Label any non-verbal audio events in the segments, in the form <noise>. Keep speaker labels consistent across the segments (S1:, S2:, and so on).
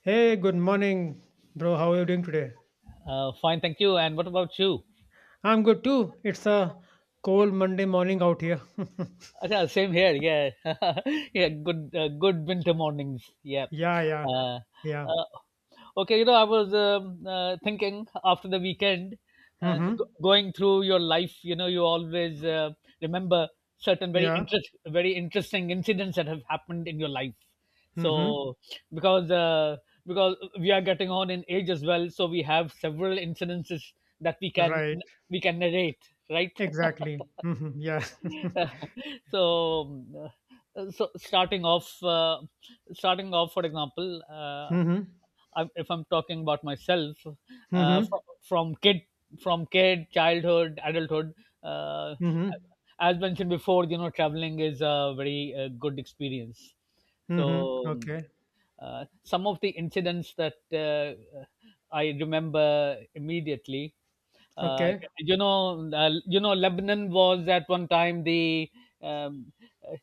S1: Hey, good morning, bro. How are you doing today?
S2: Fine, thank you. And what about you?
S1: I'm good too. It's a cold Monday morning out here. <laughs>
S2: Acha, same here. Yeah, <laughs> yeah. Good, good winter mornings. Yeah.
S1: Yeah, yeah,
S2: Uh,
S1: yeah.
S2: uh, okay, you know, I was thinking after the weekend,
S1: Mm-hmm.
S2: going through your life. You know, you always remember certain
S1: Yeah.
S2: very interesting incidents that have happened in your life.
S1: Mm-hmm.
S2: So, because uh, because we are getting on in age as well, so we have several incidences that
S1: Right.
S2: we can narrate, right?
S1: Exactly. Mm-hmm. Yeah. <laughs>
S2: <laughs> so so starting off, for example, uh,
S1: Mm-hmm.
S2: if I'm talking about myself, uh,
S1: Mm-hmm.
S2: from, from kid childhood, adulthood, uh,
S1: Mm-hmm.
S2: as mentioned before, you know, traveling is a very good experience.
S1: Mm-hmm.
S2: so um,
S1: Okay.
S2: uh, some of the incidents that uh, I remember immediately. Uh,
S1: Okay.
S2: you know, Lebanon was at one time um, uh,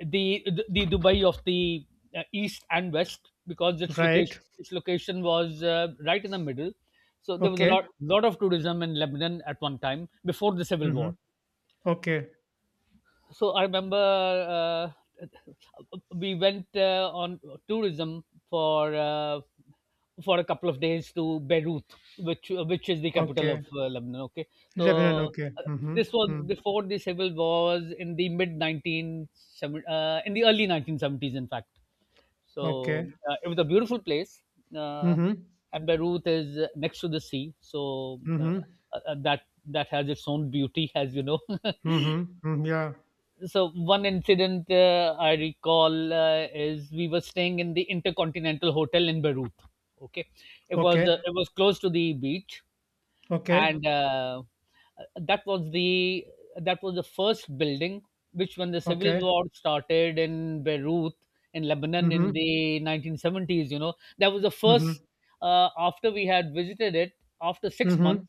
S2: the Dubai of the east and west, because
S1: Right.
S2: its location was right in the middle. So there was a
S1: Okay.
S2: lot of tourism in Lebanon at one time before the civil
S1: Mm-hmm.
S2: war.
S1: Okay.
S2: So I remember, uh, <laughs> we went on tourism for, a couple of days to Beirut, which is the capital
S1: Okay.
S2: of Lebanon. Okay,
S1: Lebanon.
S2: so
S1: Okay.
S2: uh,
S1: Mm-hmm.
S2: this was
S1: Mm.
S2: before the civil wars in the mid 1970, in the early 1970s, in fact. So
S1: Okay.
S2: uh, it was a beautiful place, uh,
S1: Mm-hmm.
S2: and Beirut is next to the sea. So,
S1: Mm-hmm.
S2: that has its own beauty, as you know. <laughs>
S1: Mm-hmm. Mm. Yeah.
S2: So one incident, I recall, is we were staying in the Intercontinental Hotel in Beirut. Okay, it was,
S1: Okay.
S2: it was close to the beach.
S1: Okay.
S2: And, that was the that was the first building, which, when the civil
S1: Okay.
S2: war started in Beirut, in Lebanon, in
S1: Mm-hmm.
S2: the 1970s, you know, that was the first,
S1: Mhm.
S2: after we had visited it, after six
S1: Mhm.
S2: months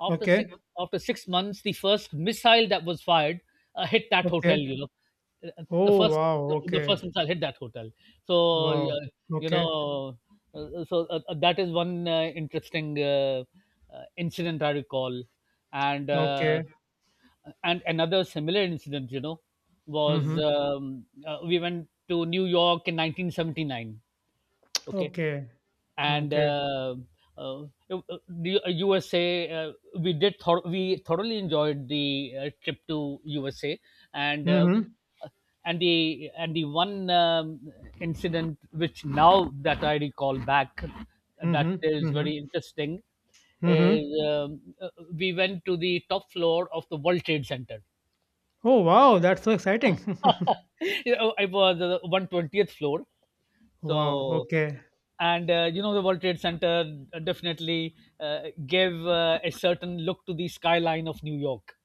S2: after six
S1: Okay.
S2: after 6 months the first missile that was fired, hit that
S1: Okay.
S2: hotel, you know. Uh, the
S1: Oh,
S2: first
S1: wow.
S2: the
S1: Okay.
S2: first missile hit that hotel. so uh,
S1: Wow.
S2: you know
S1: Okay.
S2: uh, so uh, uh, that is one interesting, incident I recall. And,
S1: Okay.
S2: and another similar incident, you know, was,
S1: Mhm.
S2: we went to New York in 1979. Okay,
S1: Okay.
S2: and,
S1: Okay.
S2: the USA. We thoroughly enjoyed the trip to USA. And,
S1: Mhm.
S2: the one, incident, which, now that I recall back, that
S1: Mhm.
S2: is
S1: Mhm.
S2: very interesting, is,
S1: Mhm.
S2: we went to the top floor of the World Trade Center.
S1: Oh, wow. That's so exciting. <laughs>
S2: <laughs> You know, it was the 120th floor,
S1: Wow.
S2: so,
S1: Okay.
S2: and, you know, the World Trade Center definitely gave a certain look to the skyline of New York,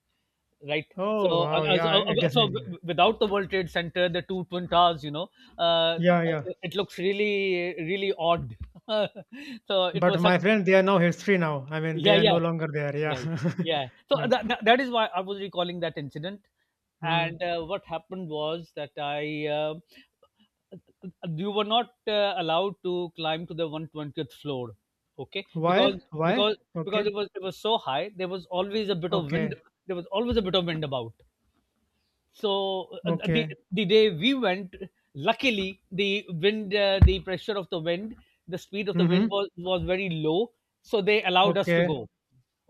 S2: right?
S1: Oh,
S2: so uh,
S1: wow.
S2: uh, so
S1: Yeah, it
S2: uh, so
S1: definitely.
S2: w- without the World Trade Center, the two twin towers, you know, uh, uh,
S1: Yeah, yeah.
S2: it looks really, really odd. <laughs> So it was
S1: But
S2: such.
S1: my friend, they are now history now. I mean, they
S2: Yeah,
S1: are no
S2: yeah,
S1: longer there. Yeah.
S2: yeah, yeah,
S1: <laughs> Yeah.
S2: that is why I was recalling that incident.
S1: Mm.
S2: And, what happened was that, I you were not allowed to climb to the 120th floor. Okay. because
S1: Why? Why?
S2: because because
S1: Okay.
S2: it was so high,
S1: Okay.
S2: there was always a bit of wind about. So, uh, uh, the
S1: Okay.
S2: the day we went, luckily, wind uh, the pressure of the wind the speed of the wind
S1: Mm-hmm.
S2: was very low, so they allowed us to
S1: Okay.
S2: go.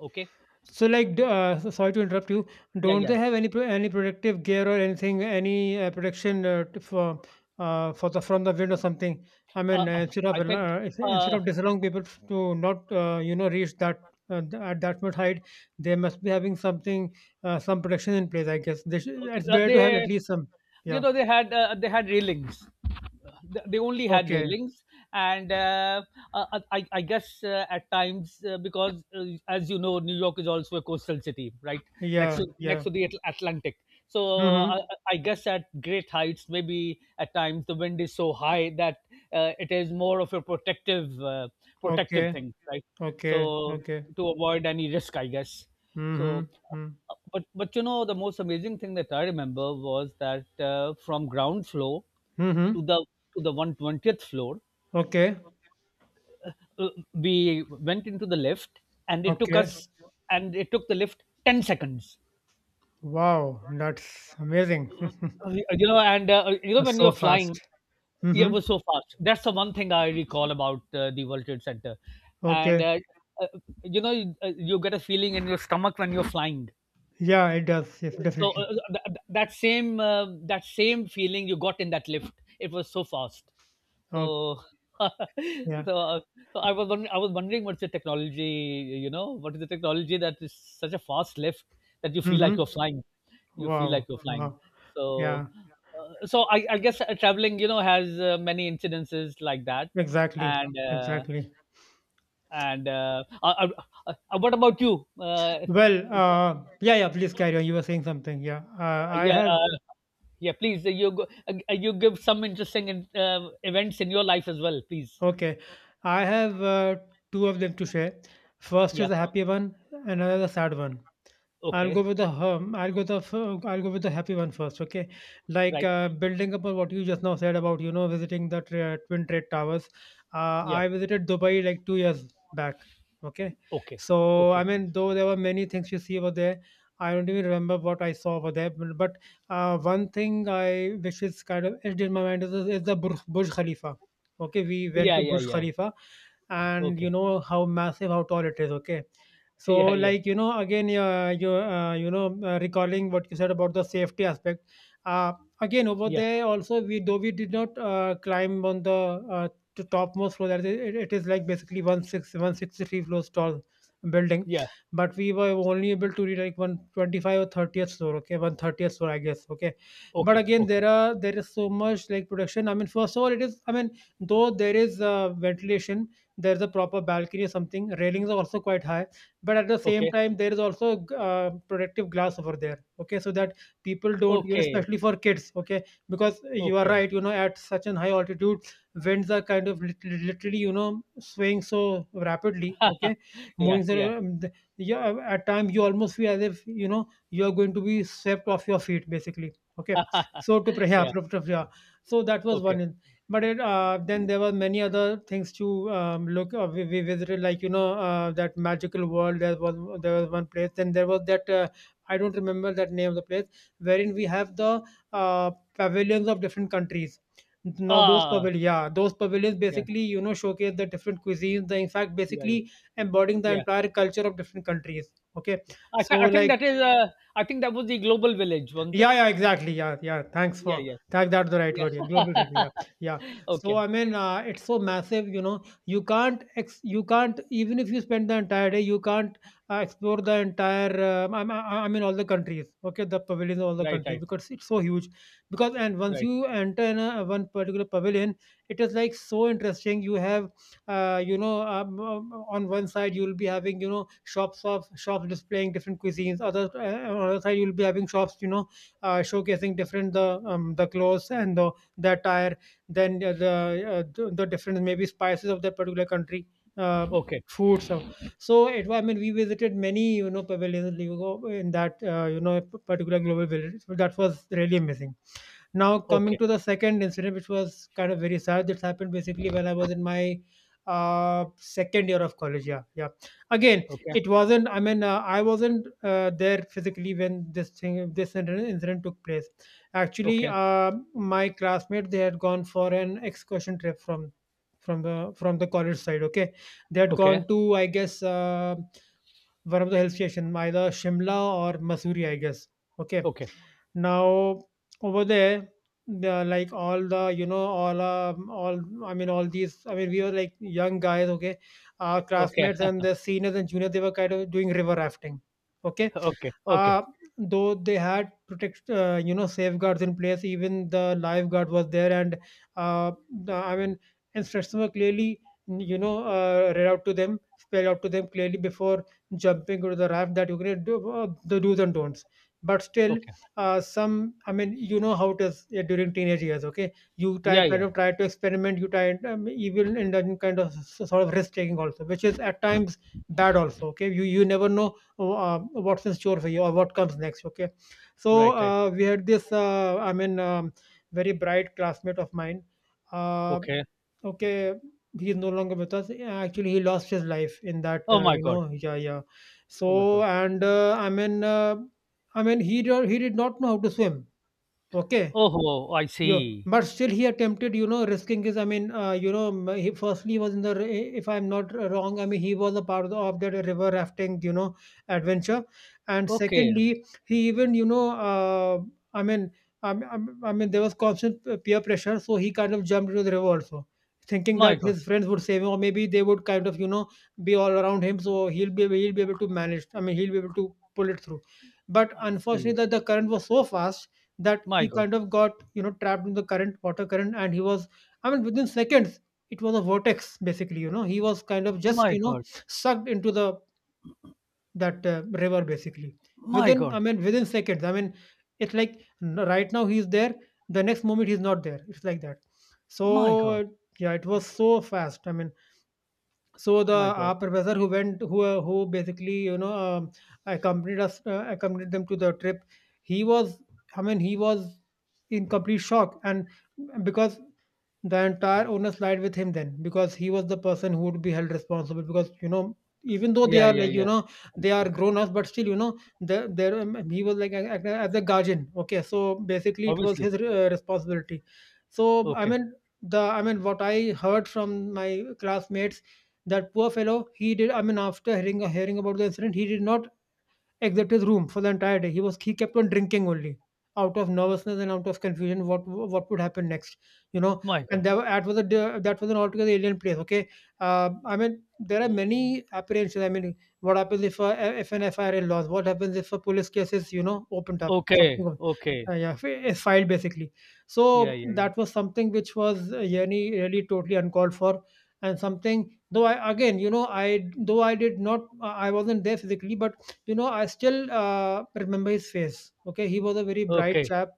S2: Okay.
S1: So, like, sorry to interrupt you.
S2: Yeah,
S1: Don't
S2: yeah.
S1: they have any any protective gear or anything, any protection for the from the wind or something? I
S2: uh,
S1: mean,
S2: uh,
S1: instead of
S2: I think.
S1: instead
S2: uh,
S1: of disallowing people to not reach that, at that much height, they must be having something, some protection in place. I guess they should, it's
S2: Uh,
S1: better to have
S2: they
S1: at least some.
S2: you
S1: Yeah.
S2: know, they had, they had railings. They only had
S1: Okay.
S2: railings. And, I guess at times because as you know, New York is also a coastal city, right?
S1: Yeah.
S2: Next
S1: Yeah.
S2: to the Atlantic. so uh,
S1: Mm-hmm.
S2: I, I guess at great heights, maybe at times, the wind is so high that, it is more of a protective, protective
S1: Okay.
S2: thing, right?
S1: Okay.
S2: So,
S1: Okay.
S2: to avoid any risk, I guess. So,
S1: Mm-hmm. Mm-hmm.
S2: but, you know, the most amazing thing that I remember was that, from ground floor, to
S1: Mm-hmm.
S2: the to the 120th floor,
S1: Okay.
S2: uh, we went into the lift, and,
S1: Okay.
S2: it took the lift 10 seconds.
S1: Wow, that's amazing. <laughs>
S2: You know, and, you know,
S1: That's
S2: when
S1: so
S2: you're flying,
S1: fast.
S2: yeah,
S1: Mm-hmm.
S2: it was so fast. That's the one thing I recall about the World Trade Center. And,
S1: Okay.
S2: uh, you know, you get a feeling in your stomach when you're flying.
S1: Yeah, it does. Yes,
S2: So,
S1: definitely.
S2: th- th- that same uh, that same feeling you got in that lift, it was so fast.
S1: Okay.
S2: So, <laughs>
S1: Yeah.
S2: so uh, I was wondering, what's the technology, you know, what is the technology that is such a fast lift that you feel
S1: Mm-hmm.
S2: like you're flying, you feel
S1: Wow.
S2: like you're flying.
S1: Wow.
S2: So
S1: Yeah.
S2: so I guess, traveling, you know, has, many incidences like that.
S1: Exactly.
S2: And.
S1: Exactly.
S2: And What about you?
S1: Well, yeah, yeah, please carry on. You were saying something. Yeah. I
S2: Yeah,
S1: have,
S2: yeah, please. You go, you give some interesting, events in your life as well, please.
S1: okay. I have two of them to share. First is
S2: Yeah.
S1: a happy one, another the sad one. I'll
S2: Okay.
S1: go with the hum. I'll go with the happy one first. Okay, like
S2: Right.
S1: building upon what you just now said about visiting the twin trade towers.
S2: Yeah.
S1: I visited Dubai like 2 years back. Okay,
S2: Okay.
S1: so I
S2: Okay.
S1: mean though there were many things you see over there, I don't even remember what I saw over there. But, one thing I which is kind of etched in my mind is the Burj Khalifa. Okay, we went
S2: Yeah.
S1: to
S2: Yeah.
S1: Burj
S2: Yeah.
S1: Khalifa, and you
S2: Okay.
S1: know how massive, how tall it is. Okay, so,
S2: <laughs> Yeah. Yeah.
S1: like, you know, again, recalling what you said about the safety aspect. Uh, Again, over
S2: Yeah.
S1: there also, we though we did not climb on the to topmost floor, that is, it is like basically one six one sixty three floors tall building,
S2: Yeah.
S1: but we were only able to reach like one twenty five or thirtieth floor. Okay, 130th floor, I guess. Okay, but
S2: Okay.
S1: again,
S2: Okay.
S1: there is so much like protection. I mean, first of all, it is. I mean, though there is ventilation, there is a proper balcony or something. Railings are also quite high, but at the same
S2: Okay.
S1: time there is also protective glass over there. Okay, so that people don't,
S2: Okay.
S1: especially for kids. Okay, because you are
S2: Okay.
S1: right, at such an high altitude, winds are kind of literally, swaying so rapidly. Okay,
S2: Yeah.
S1: moving
S2: Yeah.
S1: so, yeah, at time you almost feel as if, you are going to be swept off your feet basically. Okay,
S2: <laughs> yeah.
S1: yeah. So that was
S2: Okay.
S1: one, but it, then there were many other things to look. We visited, like, you know, that magical world. There was one place. Then there was that, I don't remember that name of the place, wherein we have the uh, pavilions of different countries. Now those
S2: Ah.
S1: pavilions, yeah, those pavilions
S2: Yeah.
S1: basically, showcase the different cuisines. The, in fact
S2: Yeah. Yeah.
S1: basically, embodying the
S2: Yeah.
S1: entire culture of different countries. Okay, so
S2: I think
S1: like
S2: that is. I think that was the global village, wasn't
S1: yeah,
S2: it?
S1: yeah, exactly. Yeah, yeah. Thanks
S2: Yeah.
S1: for
S2: Yeah.
S1: thank That's the right
S2: Yeah.
S1: word. Yeah, global village. Yeah, yeah.
S2: <laughs>
S1: So
S2: Okay.
S1: I mean, it's so massive. You know, you can't you can't, even if you spend the entire day, you can't explore the entire. I mean, all the countries. Okay, the pavilions of all the
S2: Right.
S1: countries,
S2: Right.
S1: because it's so huge. Because and once
S2: Right.
S1: you enter in one particular pavilion, it is like so interesting. You have, on one side you will be having, shops displaying different cuisines. Other On other side you will be having shops. You know, showcasing different the clothes and the attire, then the different maybe spices of that particular country. Uh,
S2: Okay.
S1: Food. So it was, I mean, we visited many, pavilions you go in that, particular global village. So that was really amazing. Now coming
S2: Okay.
S1: to the second incident, which was kind of very sad. This happened basically when I was in my second year of college. Yeah, yeah. Again,
S2: Okay.
S1: it wasn't. I mean, I wasn't there physically when this incident took place. Actually,
S2: Okay.
S1: my classmate they had gone for an excursion trip from the college side. Okay, they had
S2: Okay.
S1: gone to, I guess, one of the hill station, either Shimla or Missouri, I guess. Okay,
S2: Okay.
S1: now over there, the, like all I mean all these, I mean we were like young guys, okay, our
S2: Okay.
S1: classmates and
S2: <laughs>
S1: the seniors and juniors, they were kind of doing river rafting. Okay,
S2: Okay. Okay.
S1: uh, though they had protect you know safeguards in place, even the lifeguard was there, and uh, I mean instructions were clearly, read out to them, spelled out to them clearly before jumping into the raft that you can do, the do's and don'ts. But still,
S2: Okay.
S1: some, I mean, you know how it is, during teenage years, okay, you try,
S2: Yeah.
S1: kind
S2: Yeah.
S1: of try to experiment, you try, even in that kind of sort of risk taking also, which is at times bad also. Okay, you never know, oh, what's in store for you or what comes next. Okay, so,
S2: Right. Right.
S1: we had this, very bright classmate of mine, uh,
S2: Okay.
S1: okay. He is no longer with us. Yeah, actually he lost his life in that,
S2: Oh my God.
S1: yeah, yeah.
S2: Oh my
S1: So
S2: God.
S1: and, I mean he he did not know how to swim, okay.
S2: Oh, I
S1: Yeah,
S2: see.
S1: but still he attempted, you know, risking his. I mean, you know, he firstly was in if I'm not wrong, I mean, he was a part of, of that river rafting, you know, adventure. And
S2: Okay.
S1: secondly, he even, you know, I mean, I, I, I mean, there was constant peer pressure, so he kind of jumped into the river also, thinking
S2: My
S1: that
S2: God.
S1: his friends would save him, or maybe they would kind of, you know, be all around him, so he'll be able to manage. I mean, he'll be able to pull it through. But
S2: I
S1: unfortunately,
S2: see.
S1: that the current was so fast that
S2: My
S1: he
S2: God.
S1: kind of got, you know, trapped in the current water current, and he was, I mean within seconds, it was a vortex basically, you know, he was kind of just,
S2: My God.
S1: sucked into the that, river basically.
S2: My
S1: Within, I
S2: God.
S1: mean, within seconds, I mean, it's like, right now he's there, the next moment he's not there. It's like that.
S2: My God.
S1: So, yeah, it was so fast, I mean, so, the
S2: My God.
S1: our professor who went, who basically, accompanied us accompanied them to the trip. He was, I mean, he was in complete shock, and because the entire onus lied with him then, because he was the person who would be held responsible. Because, you know, even though they
S2: Yeah.
S1: are,
S2: Yeah. Yeah.
S1: they are grown ups, but still, there, he was like as a guardian. Okay, so basically it was
S2: Obviously.
S1: his responsibility. So
S2: Okay.
S1: I mean what I heard from my classmates, that poor fellow, he did, I mean, after hearing about the incident, he did not Except his room for the entire day. He was he kept on drinking only out of nervousness and out of confusion what would happen next, you know
S2: My
S1: and
S2: God.
S1: that was a that was an altogether alien place. Okay, I mean there are many apprehensions. I mean what happens if an FIRA laws, what happens if a police case is, opened up
S2: Okay.
S1: something,
S2: Okay.
S1: yeah, is filed basically.
S2: Yeah.
S1: So
S2: Yeah. Yeah.
S1: that was something which was yani really totally uncalled for. And something, though I again you know I though I did not, I wasn't there physically, but I still remember his face. Okay, he was a very bright
S2: Okay.
S1: chap,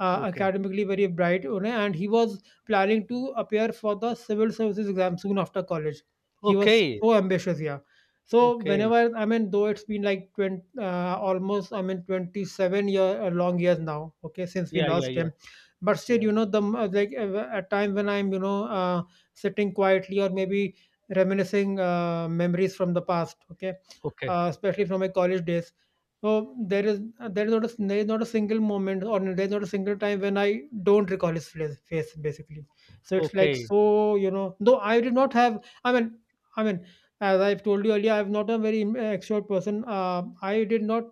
S2: Okay.
S1: academically very bright, you know, and he was planning to appear for the civil services exam soon after college. He was
S2: Okay.
S1: so ambitious, yeah. So
S2: Okay.
S1: whenever, I mean, though it's been like 20, almost I mean 27 year long years now, okay, since we
S2: Yeah. Yeah.
S1: lost
S2: Yeah.
S1: him, but still,
S2: Yeah.
S1: you know, the m- like at times when I'm, sitting quietly or maybe reminiscing memories from the past, okay,
S2: Okay.
S1: especially from my college days, so there is not a single moment, or there is not a single time when I don't recall his face basically. So it's like,
S2: Okay.
S1: so you know. Though I did not have, I mean, I mean, as I've told you earlier, I'm not a very extrovert person. I did not,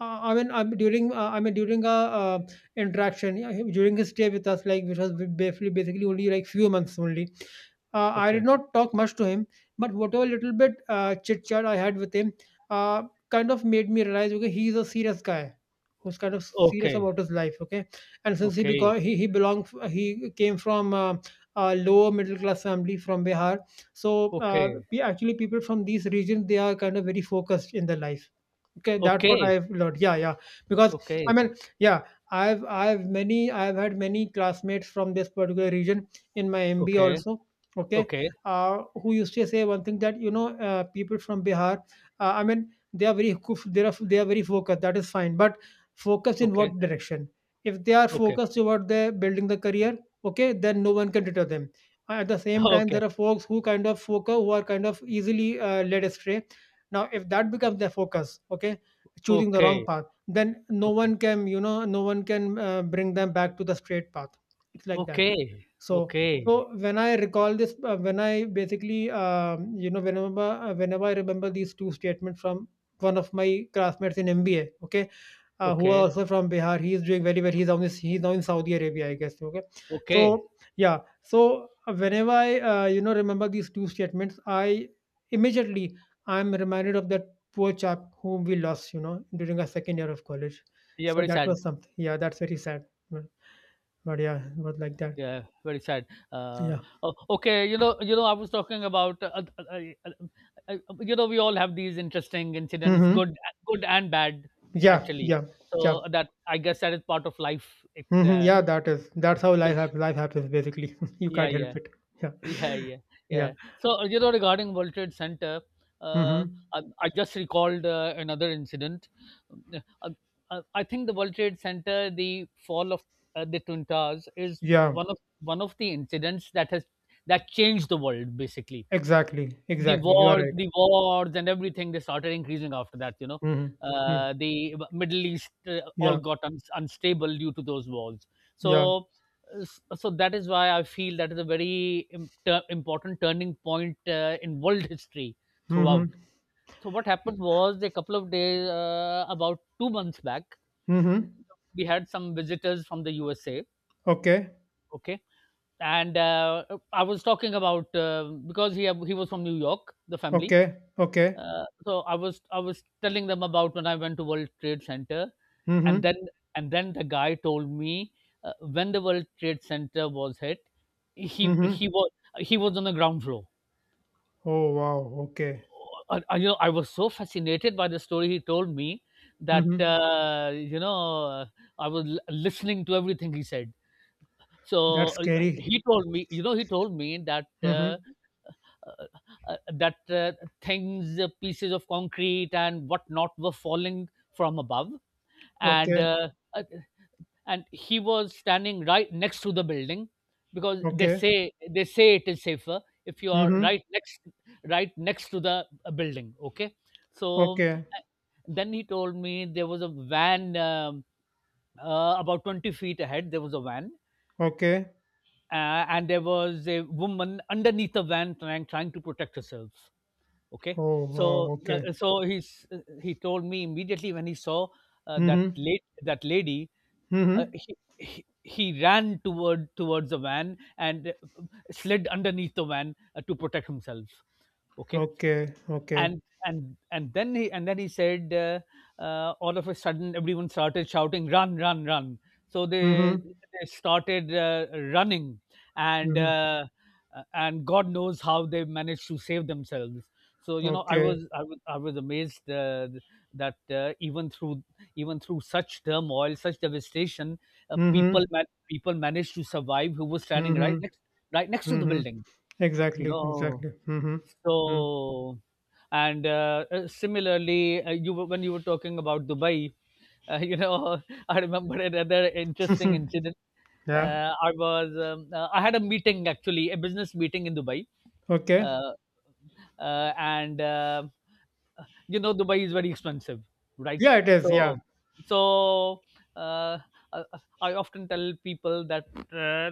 S1: I mean during a, uh, interaction, yeah, during his stay with us, like which was basically only like few months only. I did
S2: Okay.
S1: not talk much to him, but whatever little bit chit chat I had with him, uh, kind of made me realize okay he is a serious guy who's kind of serious
S2: Okay.
S1: about his life. Okay, and since he
S2: Okay.
S1: because he belonged, he came from a lower middle class family from Bihar. So
S2: Okay.
S1: we actually, people from these regions, they are kind of very focused in their life. Okay, that's what
S2: Okay.
S1: I've learned. Yeah, yeah. Because, I
S2: Okay,
S1: mean, yeah, I've had many classmates from this particular region in my MB
S2: okay,
S1: also. Okay,
S2: okay,
S1: who used to say one thing, that you know people from Bihar, I mean, they are very they are very focused. That is fine, but focused in
S2: okay,
S1: what direction? If they are
S2: okay,
S1: focused toward their building the career, okay, then no one can deter them. At the same time,
S2: okay,
S1: there are folks who kind of focus who are kind of easily led astray. Now if that becomes their focus, okay, choosing the wrong
S2: okay,
S1: path, then no
S2: okay,
S1: one can you know no one can bring them back to the straight path. It's like that.
S2: okay,
S1: So,
S2: okay,
S1: so when I recall this, when I basically, whenever I remember these two statements from one of my classmates in MBA, okay, who are
S2: okay,
S1: also from Bihar, he's doing very well. He's on this, he's now in Saudi Arabia, I guess. Okay,
S2: okay.
S1: so yeah, so whenever I, remember these two statements, I immediately, I'm reminded of that poor chap whom we lost, you know, during our second year of college.
S2: Yeah,
S1: So
S2: very
S1: that
S2: sad.
S1: was something. Yeah, that's very sad. But, but yeah, it was like that.
S2: Yeah, very sad.
S1: Yeah.
S2: O- okay, you know, I was talking about, uh, uh, you know, we all have these interesting incidents,
S1: Mhm.
S2: good, and bad,
S1: Yeah,
S2: naturally.
S1: yeah, yeah.
S2: So that, I guess, that is part of life. It,
S1: Mhm. Yeah, that is, that's how life
S2: which,
S1: happens. Life happens basically. <laughs> You
S2: yeah,
S1: can't help
S2: yeah.
S1: it. Yeah,
S2: Yeah, yeah,
S1: yeah.
S2: yeah. So, you know, regarding World Trade Center, uh,
S1: Mhm.
S2: I just recalled another incident. Uh, I think the World Trade Center, the fall of the Twin Towers, is
S1: Yeah,
S2: one of the incidents that has that changed the world, basically.
S1: exactly,
S2: The
S1: exactly. You are
S2: wars
S1: right.
S2: and everything, they started increasing after that, you know.
S1: Mhm. Mm.
S2: The Middle East all
S1: Yeah,
S2: got unstable due to those wars.
S1: yeah.
S2: So uh, s- so that is why I feel that is a very, important turning point, in world history
S1: Mhm.
S2: throughout. So what happened was, a couple of days, about 2 months back,
S1: Mhm.
S2: we had some visitors from the USA.
S1: Okay,
S2: Okay. And, I was talking about, because he was from New York, the family,
S1: okay, okay.
S2: so, I was telling them about when I went to World Trade Center. and then
S1: Mhm.
S2: and then the guy told me, when the World Trade Center was hit, he he
S1: Mhm.
S2: was he was on the ground floor.
S1: Oh wow. Okay.
S2: You know, I was so fascinated by the story he told me, that,
S1: Mhm.
S2: I was listening to everything he said. So
S1: That's
S2: uh, uh,
S1: scary.
S2: he told me, you know, he told me that, uh,
S1: Mhm.
S2: uh, that uh, things, pieces of concrete and whatnot were falling from above, and,
S1: Okay.
S2: uh, he was standing right next to the building, because
S1: Okay.
S2: they say it is safer if you are
S1: Mhm.
S2: right next, to the building. Okay, so,
S1: Okay.
S2: uh, then he told me there was a van, about 20 feet ahead there was a van,
S1: Okay.
S2: uh, and there was a woman underneath the van, trying to protect herself. Okay.
S1: Oh
S2: So,
S1: wow. Okay.
S2: he told me, immediately when he saw,
S1: Mhm.
S2: that lady,
S1: Mhm.
S2: he ran towards the van, and, uh, slid underneath the van, to protect himself. Okay.
S1: Okay, okay.
S2: And then he said, all of a sudden everyone started shouting, run, run, run. So,
S1: Mhm.
S2: they started, running, and,
S1: Mhm.
S2: God knows how they managed to save themselves. So, you know,
S1: Okay.
S2: I was amazed, that, even through such turmoil, such devastation,
S1: Mhm.
S2: people managed to survive, who were standing right
S1: Mhm.
S2: next, to the
S1: Mhm.
S2: building, you
S1: Exactly.
S2: know.
S1: Exactly. Mhm. Mm.
S2: So, and, similarly, when you were talking about Dubai, you know, <laughs> I remember another interesting
S1: <laughs>
S2: incident.
S1: Yeah.
S2: I was I had a meeting actually, a business meeting in Dubai,
S1: Okay.
S2: uh, and you know, Dubai is very expensive, right?
S1: Yeah, it is. Yeah.
S2: So so uh, uh, I often tell people that uh,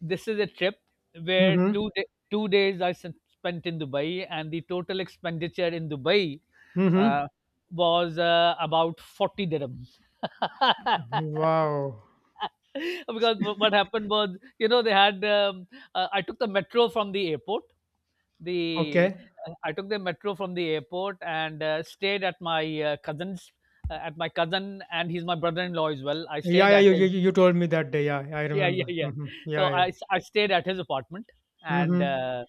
S2: this is a trip where
S1: Mhm.
S2: 2 days I spent in Dubai, and the total expenditure in Dubai uh,
S1: Mhm.
S2: was about 40 dirhams <laughs>
S1: Wow.
S2: because what happened was, you know, they had I took the metro from the airport. The
S1: Okay.
S2: I took the metro from the airport and stayed at my cousin's, at my cousin, and he's my brother-in-law as well. I
S1: Yeah,
S2: stayed
S1: yeah.
S2: at his
S1: You told me that day. Yeah, I
S2: <laughs> yeah, yeah,
S1: remember.
S2: yeah.
S1: Mhm.
S2: So
S1: Yeah, yeah.
S2: I I stayed at his apartment, and
S1: Mhm.
S2: uh,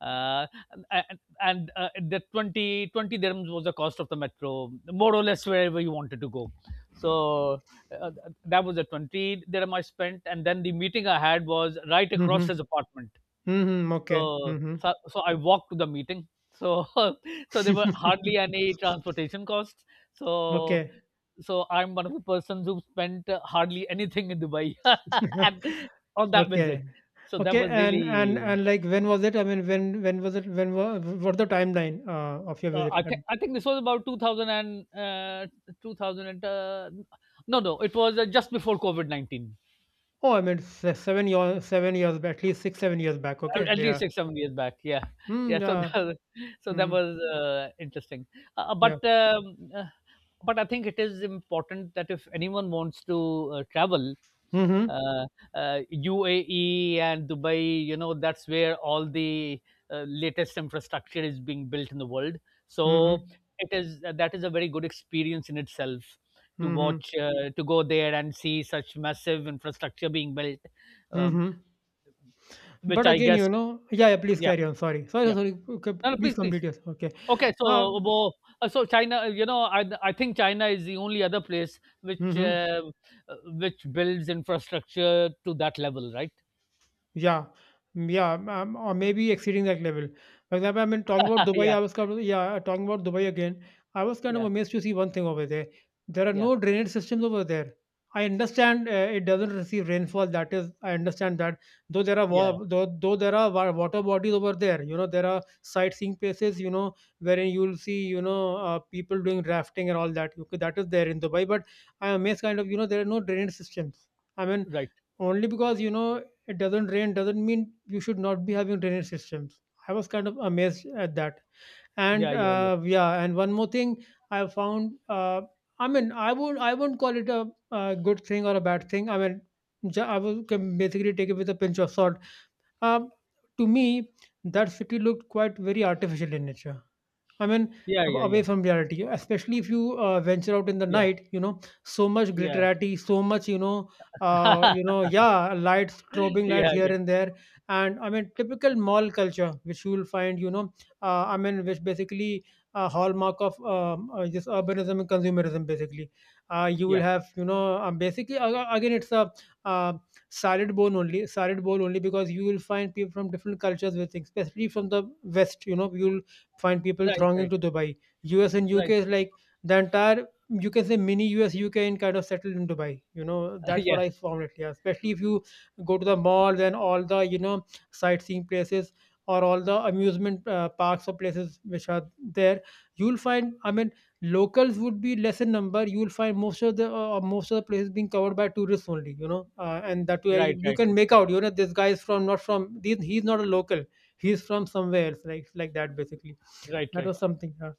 S2: uh, and the 20 20 dirhams was the cost of the metro, more or less, wherever you wanted to go. So uh, that was the 20 dirham I spent, and then the meeting I had was right across his
S1: Mhm.
S2: apartment.
S1: Mhm. Okay.
S2: So
S1: Mhm.
S2: so I walked to the meeting. So <laughs> so there were hardly any
S1: <laughs>
S2: transportation costs. So
S1: Okay.
S2: so I'm one of the persons who spent hardly anything in Dubai <laughs> and
S1: <laughs>
S2: on that visit.
S1: Okay.
S2: So that
S1: Okay.
S2: was
S1: And
S2: really
S1: like when was it? I mean, when was it? What's the timeline of your visit?
S2: I think this was about 2000 and 2000 and no, no, it was just before COVID-19,
S1: Oh, I mean, se 7 years, 7 years back, at least 6, 7 years back, okay?
S2: at
S1: Yeah.
S2: least 6 7 years back, yeah,
S1: Mm,
S2: yeah. So <laughs>
S1: yeah.
S2: so that
S1: Mm,
S2: was interesting. uh,
S1: yeah.
S2: but um, uh, but I think it is important that if anyone wants to travel,
S1: Mhm.
S2: uh, UAE and Dubai, you know, that's where all the latest infrastructure is being built in the world. So
S1: Mhm.
S2: it is that is a very good experience in itself to
S1: Mhm.
S2: watch, to go there and see such massive infrastructure being built, um,
S1: Mhm. But
S2: which I
S1: again, you
S2: guess,
S1: know, yeah, yeah, please
S2: yeah,
S1: carry on. Sorry. Sorry,
S2: yeah,
S1: sorry. Okay,
S2: no, no,
S1: please
S2: please, please.
S1: complete yours. Okay.
S2: Okay, so
S1: Uh,
S2: wo so China, you know, I think China is the only other place
S1: mhm.
S2: which builds infrastructure to that level, right?
S1: Yeah. Mm, yeah, or maybe exceeding that level. For example, I mean, talking about
S2: <laughs>
S1: Dubai,
S2: Yeah,
S1: I was kind of, yeah, talking about Dubai again. I was kind of
S2: yeah,
S1: amazed to see one thing over there. There are
S2: yeah,
S1: no drainage systems over there. I understand it doesn't receive rainfall. That is, I understand that. Though there are
S2: yeah,
S1: wa- though there are water bodies over there, you know there are sightseeing places, you know, wherein you'll see, you know, people doing rafting and all that. Okay, that is there in Dubai, but I am amazed, kind of, you know, there are no drainage systems. I mean,
S2: right.
S1: only because you know it doesn't rain, doesn't mean you should not be having drainage systems. I was kind of amazed at that. And
S2: Yeah, yeah, yeah,
S1: yeah, and one more thing I found, I mean, I won't call it a, uh, good thing or a bad thing. I mean, I will, can basically take it with a pinch of salt. um, to me, that city looked quite very artificial in nature. I mean,
S2: yeah, yeah,
S1: away
S2: yeah,
S1: from reality, especially if you venture out in the
S2: yeah,
S1: night, you know, so much
S2: yeah,
S1: glitterati, so much, you know,
S2: <laughs>
S1: yeah, lights, strobing lights
S2: yeah,
S1: here
S2: yeah,
S1: and there, and I mean, typical mall culture, which you will find, you know, I mean, which basically a hallmark of this urbanism and consumerism, basically. You will
S2: yeah.
S1: have, you know, basically, again, it's a, uh, salad bowl only, because you will find people from different cultures with things, especially from the West, you know, you'll find people
S2: Right,
S1: thronging
S2: right,
S1: to Dubai. US and
S2: right.
S1: UK is like the entire, you can say, mini US UK in, kind of settled in Dubai. You know,
S2: <laughs>
S1: that's what
S2: Yeah,
S1: I found it. Yeah, especially if you go to the malls and all the, you know, sightseeing places or all the amusement parks or places which are there, you'll find, I mean, locals would be less in number. You'll find most of the places being covered by tourists only. You know, and that way, you,
S2: right,
S1: you
S2: right,
S1: can make out, you know, this guy is from not from these, he's not a local, he's from somewhere else, like that basically.
S2: right,
S1: That
S2: right,
S1: was something, yeah.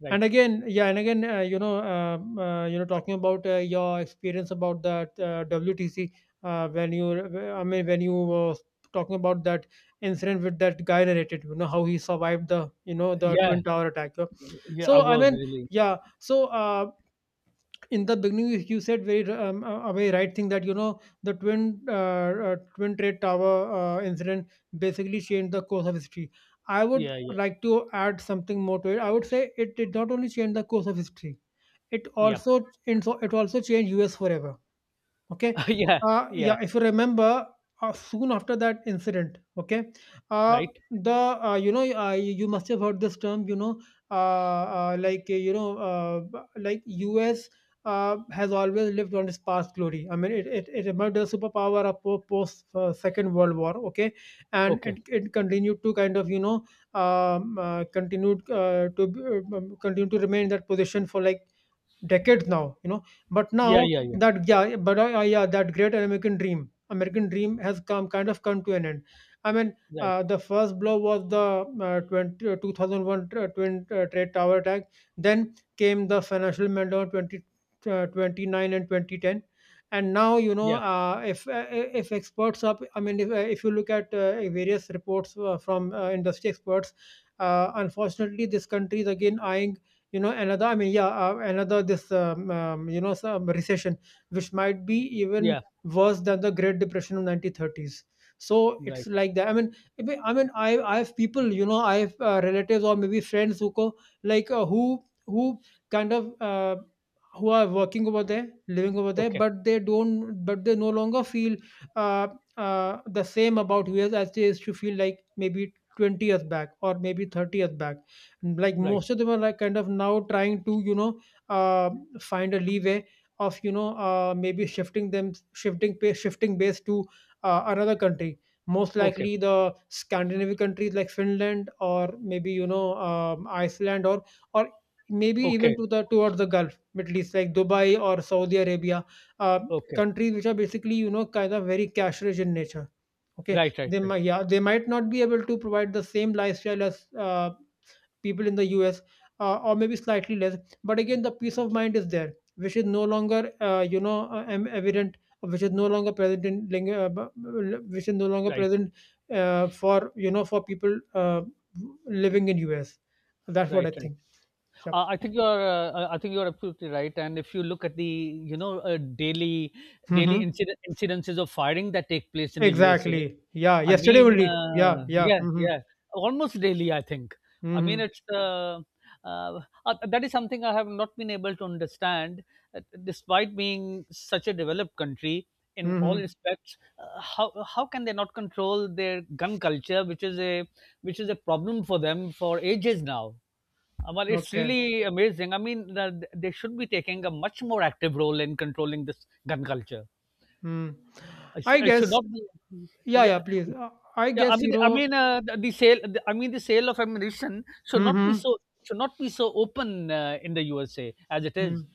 S2: right.
S1: And again, yeah, and again, you know, talking about your experience about that WTC, when you, I mean when you were talking about that incident with that guy, narrated, you know, how he survived the, you know, the
S2: Yeah,
S1: twin tower attack, yeah.
S2: yeah. I
S1: So I
S2: was
S1: mean,
S2: really.
S1: yeah, so in the beginning, you said very a very right thing, that you know, the twin, twin trade tower incident basically changed the course of history. I would
S2: Yeah, yeah,
S1: like to add something more to it. I would say it did not only change the course of history, it
S2: yeah,
S1: also, and so it also changed us forever. Okay.
S2: <laughs> yeah, yeah.
S1: Yeah, if you remember, soon after that incident, okay, uh,
S2: Right.
S1: the, you must have heard this term, you know, like U.S. Has always lived on its past glory. I mean, it emerged as a superpower, post Second World War, okay, and
S2: Okay.
S1: it continued to kind of, you know, continue to remain in that position for like decades now, you know. But
S2: Yeah,
S1: now
S2: yeah, yeah.
S1: that, yeah, but yeah, that American dream has come kind of come to an end. I mean,
S2: Right.
S1: the first blow was the 2001 twin trade tower attack. Then came the financial meltdown 29 and 2010. And now,
S2: Yeah,
S1: if if I mean, if you look at various reports from industry experts, unfortunately, this country is again eyeing you know another I mean yeah another this you know some recession which might be even
S2: yeah.
S1: worse than the great depression of 1930s. So it's
S2: Right.
S1: like that I mean I mean I mean, I have people. I have relatives or maybe friends who go like who kind of uh, who are working over there, living over there,
S2: Okay.
S1: but they don't but they no longer feel uh, the same about us as they used to feel, like maybe 20 years back or maybe 30 years back. Like
S2: Right.
S1: most of them are like kind of now trying to uh, find a leeway of maybe shifting them shifting pa- shifting base to another country, most
S2: Okay.
S1: likely the Scandinavian countries like Finland or maybe Iceland, or or maybe even
S2: Okay,
S1: to the towards the Gulf Middle East, like Dubai or Saudi Arabia, uh,
S2: okay.
S1: countries which are basically, you know, kind of very cash rich in nature. Okay,
S2: Right, right,
S1: they
S2: right,
S1: might, yeah, they might not be able to provide the same lifestyle as people in the US, or maybe slightly less. But again, the peace of mind is there, which is no longer, evident, which is no longer present in ling- b- which is no longer
S2: right,
S1: present for, you know, for people living in US. That's what I
S2: right, right.
S1: think. Yeah.
S2: Uh, I think you're, I think you're absolutely right. And if you look at the, you know, daily
S1: Mm-hmm.
S2: incidences of firing that take place in the USA.
S1: Exactly. Yeah.
S2: I
S1: Yesterday
S2: mean,
S1: only. Yeah. Yeah.
S2: yeah,
S1: Mm-hmm.
S2: yeah, almost daily, I think. I mean,
S1: Mm-hmm.
S2: it's uh, that is something I have not been able to understand, despite being such a developed country in
S1: Mm-hmm.
S2: all respects. How can they not control their gun culture, which is a problem for them for ages now? Well, it's
S1: Okay.
S2: really amazing. I mean, they should be taking a much more active role in controlling this gun culture.
S1: Mm. I
S2: It should
S1: guess.
S2: not be.
S1: Yeah.
S2: Yeah,
S1: Yeah. Please. I
S2: yeah, I
S1: guess,
S2: mean,
S1: you
S2: I
S1: know.
S2: mean, the sale. The, I mean, the sale of ammunition should not be
S1: Mm-hmm.
S2: so open in the USA as it is.
S1: Mm.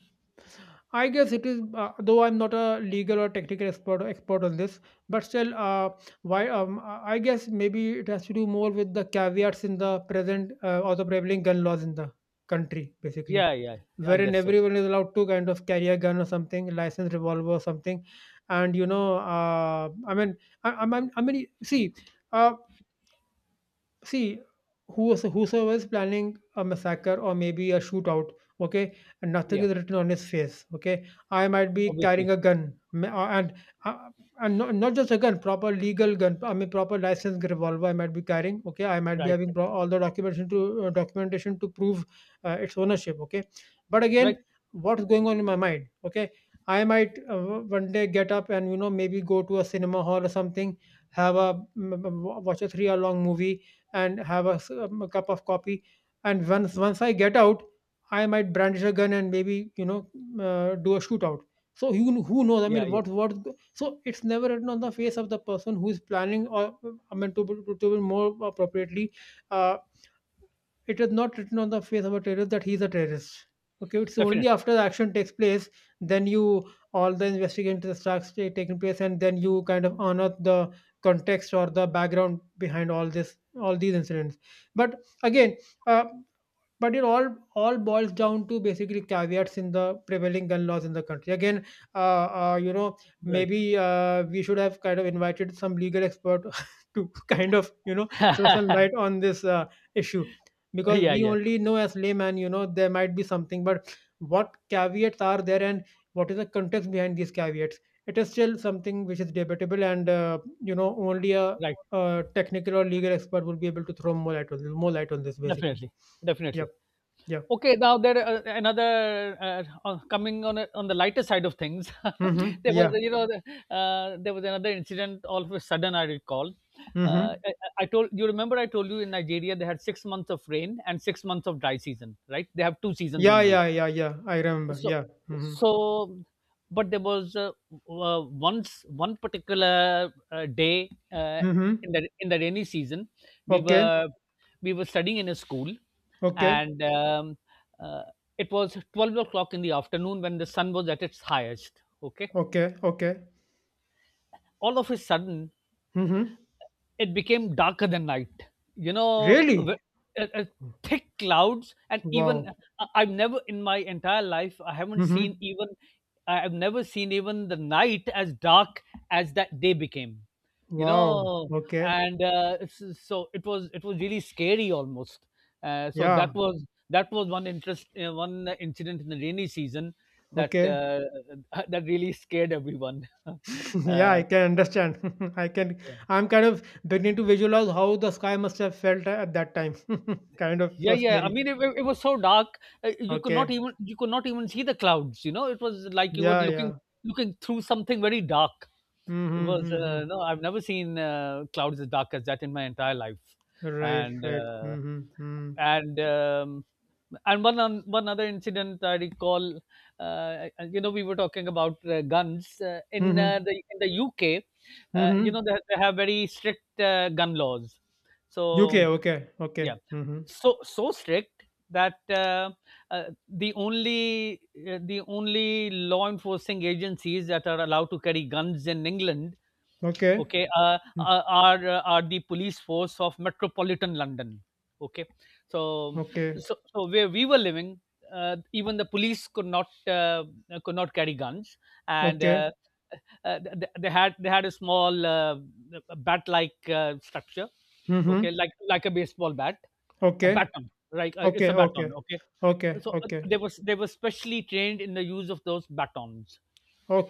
S1: I guess it is, though I'm not a legal or technical expert on this, but still, why? I guess maybe it has to do more with the caveats in the present, or the prevailing gun laws in the country, basically,
S2: Yeah, yeah, yeah, I
S1: wherein
S2: guess so.
S1: everyone is allowed to kind of carry a gun or something, licensed revolver or something. And you know, I mean, I mean, see. Uh, see who's whosoever is planning a massacre or maybe a shootout, okay, and nothing
S2: Yeah,
S1: is written on his face. Okay, I might be
S2: obviously,
S1: carrying a gun, uh, and not, not just a gun, proper legal gun, I mean proper licensed revolver, I might be carrying, okay. I might be
S2: right,
S1: having all the documentation to, documentation to prove its ownership, okay. But again,
S2: right, right,
S1: what's going on in my mind, okay? I might, one day get up and, you know, maybe go to a cinema hall or something, have a watch a 3-hour long movie and have a, a cup of coffee. And once I get out, I might brandish a gun and maybe, you know, do a shootout. So who knows? I
S2: yeah,
S1: mean,
S2: yeah,
S1: what what? So it's never written on the face of the person who is planning, or, I mean, to be more appropriately, uh, it is not written on the face of a terrorist that he's a terrorist. Okay, it's only
S2: definitely,
S1: after the action takes place, then you all the investigation starts taking place, and then you kind of unearth the context or the background behind all these incidents. But again, uh, but it all boils down to basically caveats in the prevailing gun laws in the country. Again, uh, uh, you know,
S2: right.
S1: maybe we should have kind of invited some legal expert <laughs> to kind of, you know, throw some light
S2: <laughs>
S1: on this issue, because
S2: Yeah,
S1: we
S2: yeah,
S1: only know as layman, you know, there might be something, but what caveats are there and what is the context behind these caveats? It is still something which is debatable, and, you know, only a
S2: right,
S1: technical or legal expert will be able to throw more light on this, more light on this, basically.
S2: definitely,
S1: Yep.
S2: definitely.
S1: Yeah.
S2: Okay, now there another coming on a, on the lighter side of things. <laughs>
S1: Mhm.
S2: There was,
S1: Yeah.
S2: you know, there was another incident. All of a sudden, I recall. Uh,
S1: Mhm.
S2: I, I told you, remember I told you, in Nigeria they had 6 months of rain and 6 months of dry season. Right, they have two seasons
S1: Yeah,
S2: only.
S1: yeah, yeah, yeah, I remember.
S2: so
S1: Yeah. Mhm.
S2: so but there was once, one particular day
S1: Mhm.
S2: in the rainy season, we
S1: Okay.
S2: were we were studying in a school,
S1: Okay.
S2: and uh, it was 12 o'clock in the afternoon when the sun was at its highest. Okay,
S1: Okay. Okay.
S2: all of a sudden,
S1: Mhm.
S2: it became darker than night, you know.
S1: Really?
S2: Uh, uh, Thick clouds, and even
S1: Wow.
S2: I've never in my entire life, I haven't seen
S1: Mhm.
S2: even, I've never seen even the night as dark as that day became, you
S1: Wow.
S2: know.
S1: Okay.
S2: So it was, it was really scary almost. So that
S1: Yeah.
S2: was, that was one interest one incident in the rainy season that
S1: Okay.
S2: <laughs> that really scared everyone <laughs>
S1: <laughs> Yeah,
S2: uh,
S1: I can understand. <laughs> I can. I'm kind of beginning to visualize how the sky must have felt at that time. <laughs> Kind of
S2: Yeah,
S1: so
S2: yeah. I
S1: scary.
S2: mean, it was so dark. You could not
S1: Okay.
S2: even, see the clouds. You know, it was like you were
S1: Yeah.
S2: looking,
S1: Yeah.
S2: looking through something very dark. It
S1: Mhm.
S2: was
S1: Mhm.
S2: no, I've never seen clouds as dark as that in my entire life.
S1: Right.
S2: And
S1: Right.
S2: uh,
S1: Mhm. Mhm.
S2: and and one on, one other incident I recall. You know, we were talking about guns in
S1: Mhm.
S2: the in the UK. You know,
S1: Mhm.
S2: they have very strict gun laws.
S1: UK.
S2: So
S1: Okay.
S2: yeah
S1: Okay. Mhm.
S2: so strict that the only law enforcing agencies that are allowed to carry guns in England,
S1: Okay.
S2: okay,
S1: Hmm.
S2: are the police force of Metropolitan London, okay. so
S1: Okay.
S2: so, so where we were living, even the police could not, carry guns. And
S1: Okay.
S2: they had, they had a small bat like structure, okay,
S1: Mm-hmm.
S2: like a baseball bat, a
S1: Okay.
S2: baton, right? It's
S1: Okay.
S2: a
S1: Okay.
S2: baton, okay.
S1: Okay.
S2: So
S1: Okay.
S2: they was they were specially trained in the use of those batons,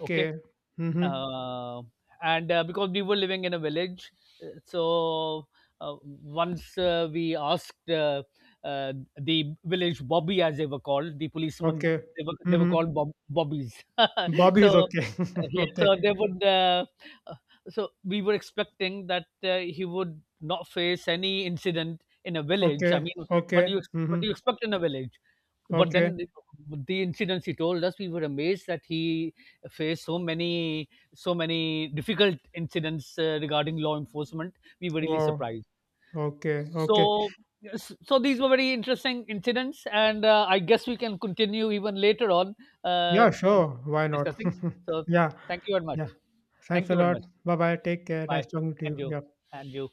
S2: okay.
S1: Mm-hmm.
S2: Uh, and uh, because we were living in a village, so once we asked the village bobby, as they were called, the policemen,
S1: Okay.
S2: they were
S1: Mm-hmm.
S2: called bobbies <laughs>
S1: Bobby is
S2: so
S1: okay. <laughs>
S2: <laughs> yeah, so
S1: Okay.
S2: they would. Uh, so we were expecting that he would not face any incident in a village. I
S1: Okay.
S2: mean, what do
S1: Okay.
S2: you, what
S1: Mm-hmm.
S2: do you expect in a village? But
S1: Okay.
S2: then the incidents he told us, we were amazed that he faced so many, so many difficult incidents regarding law enforcement. We were really
S1: Wow.
S2: surprised.
S1: Okay. Okay.
S2: So. Yes, so these were very interesting incidents, and I guess we can continue even later on uh,
S1: Yeah,
S2: and
S1: sure, why not?
S2: discussing.
S1: <laughs>
S2: So
S1: Yeah.
S2: thank you very much.
S1: Yeah. Thanks
S2: Thank
S1: a
S2: you very
S1: lot.
S2: much.
S1: Bye bye. Take care.
S2: Bye.
S1: Nice talking to
S2: And
S1: you.
S2: you.
S1: Yeah.
S2: And you.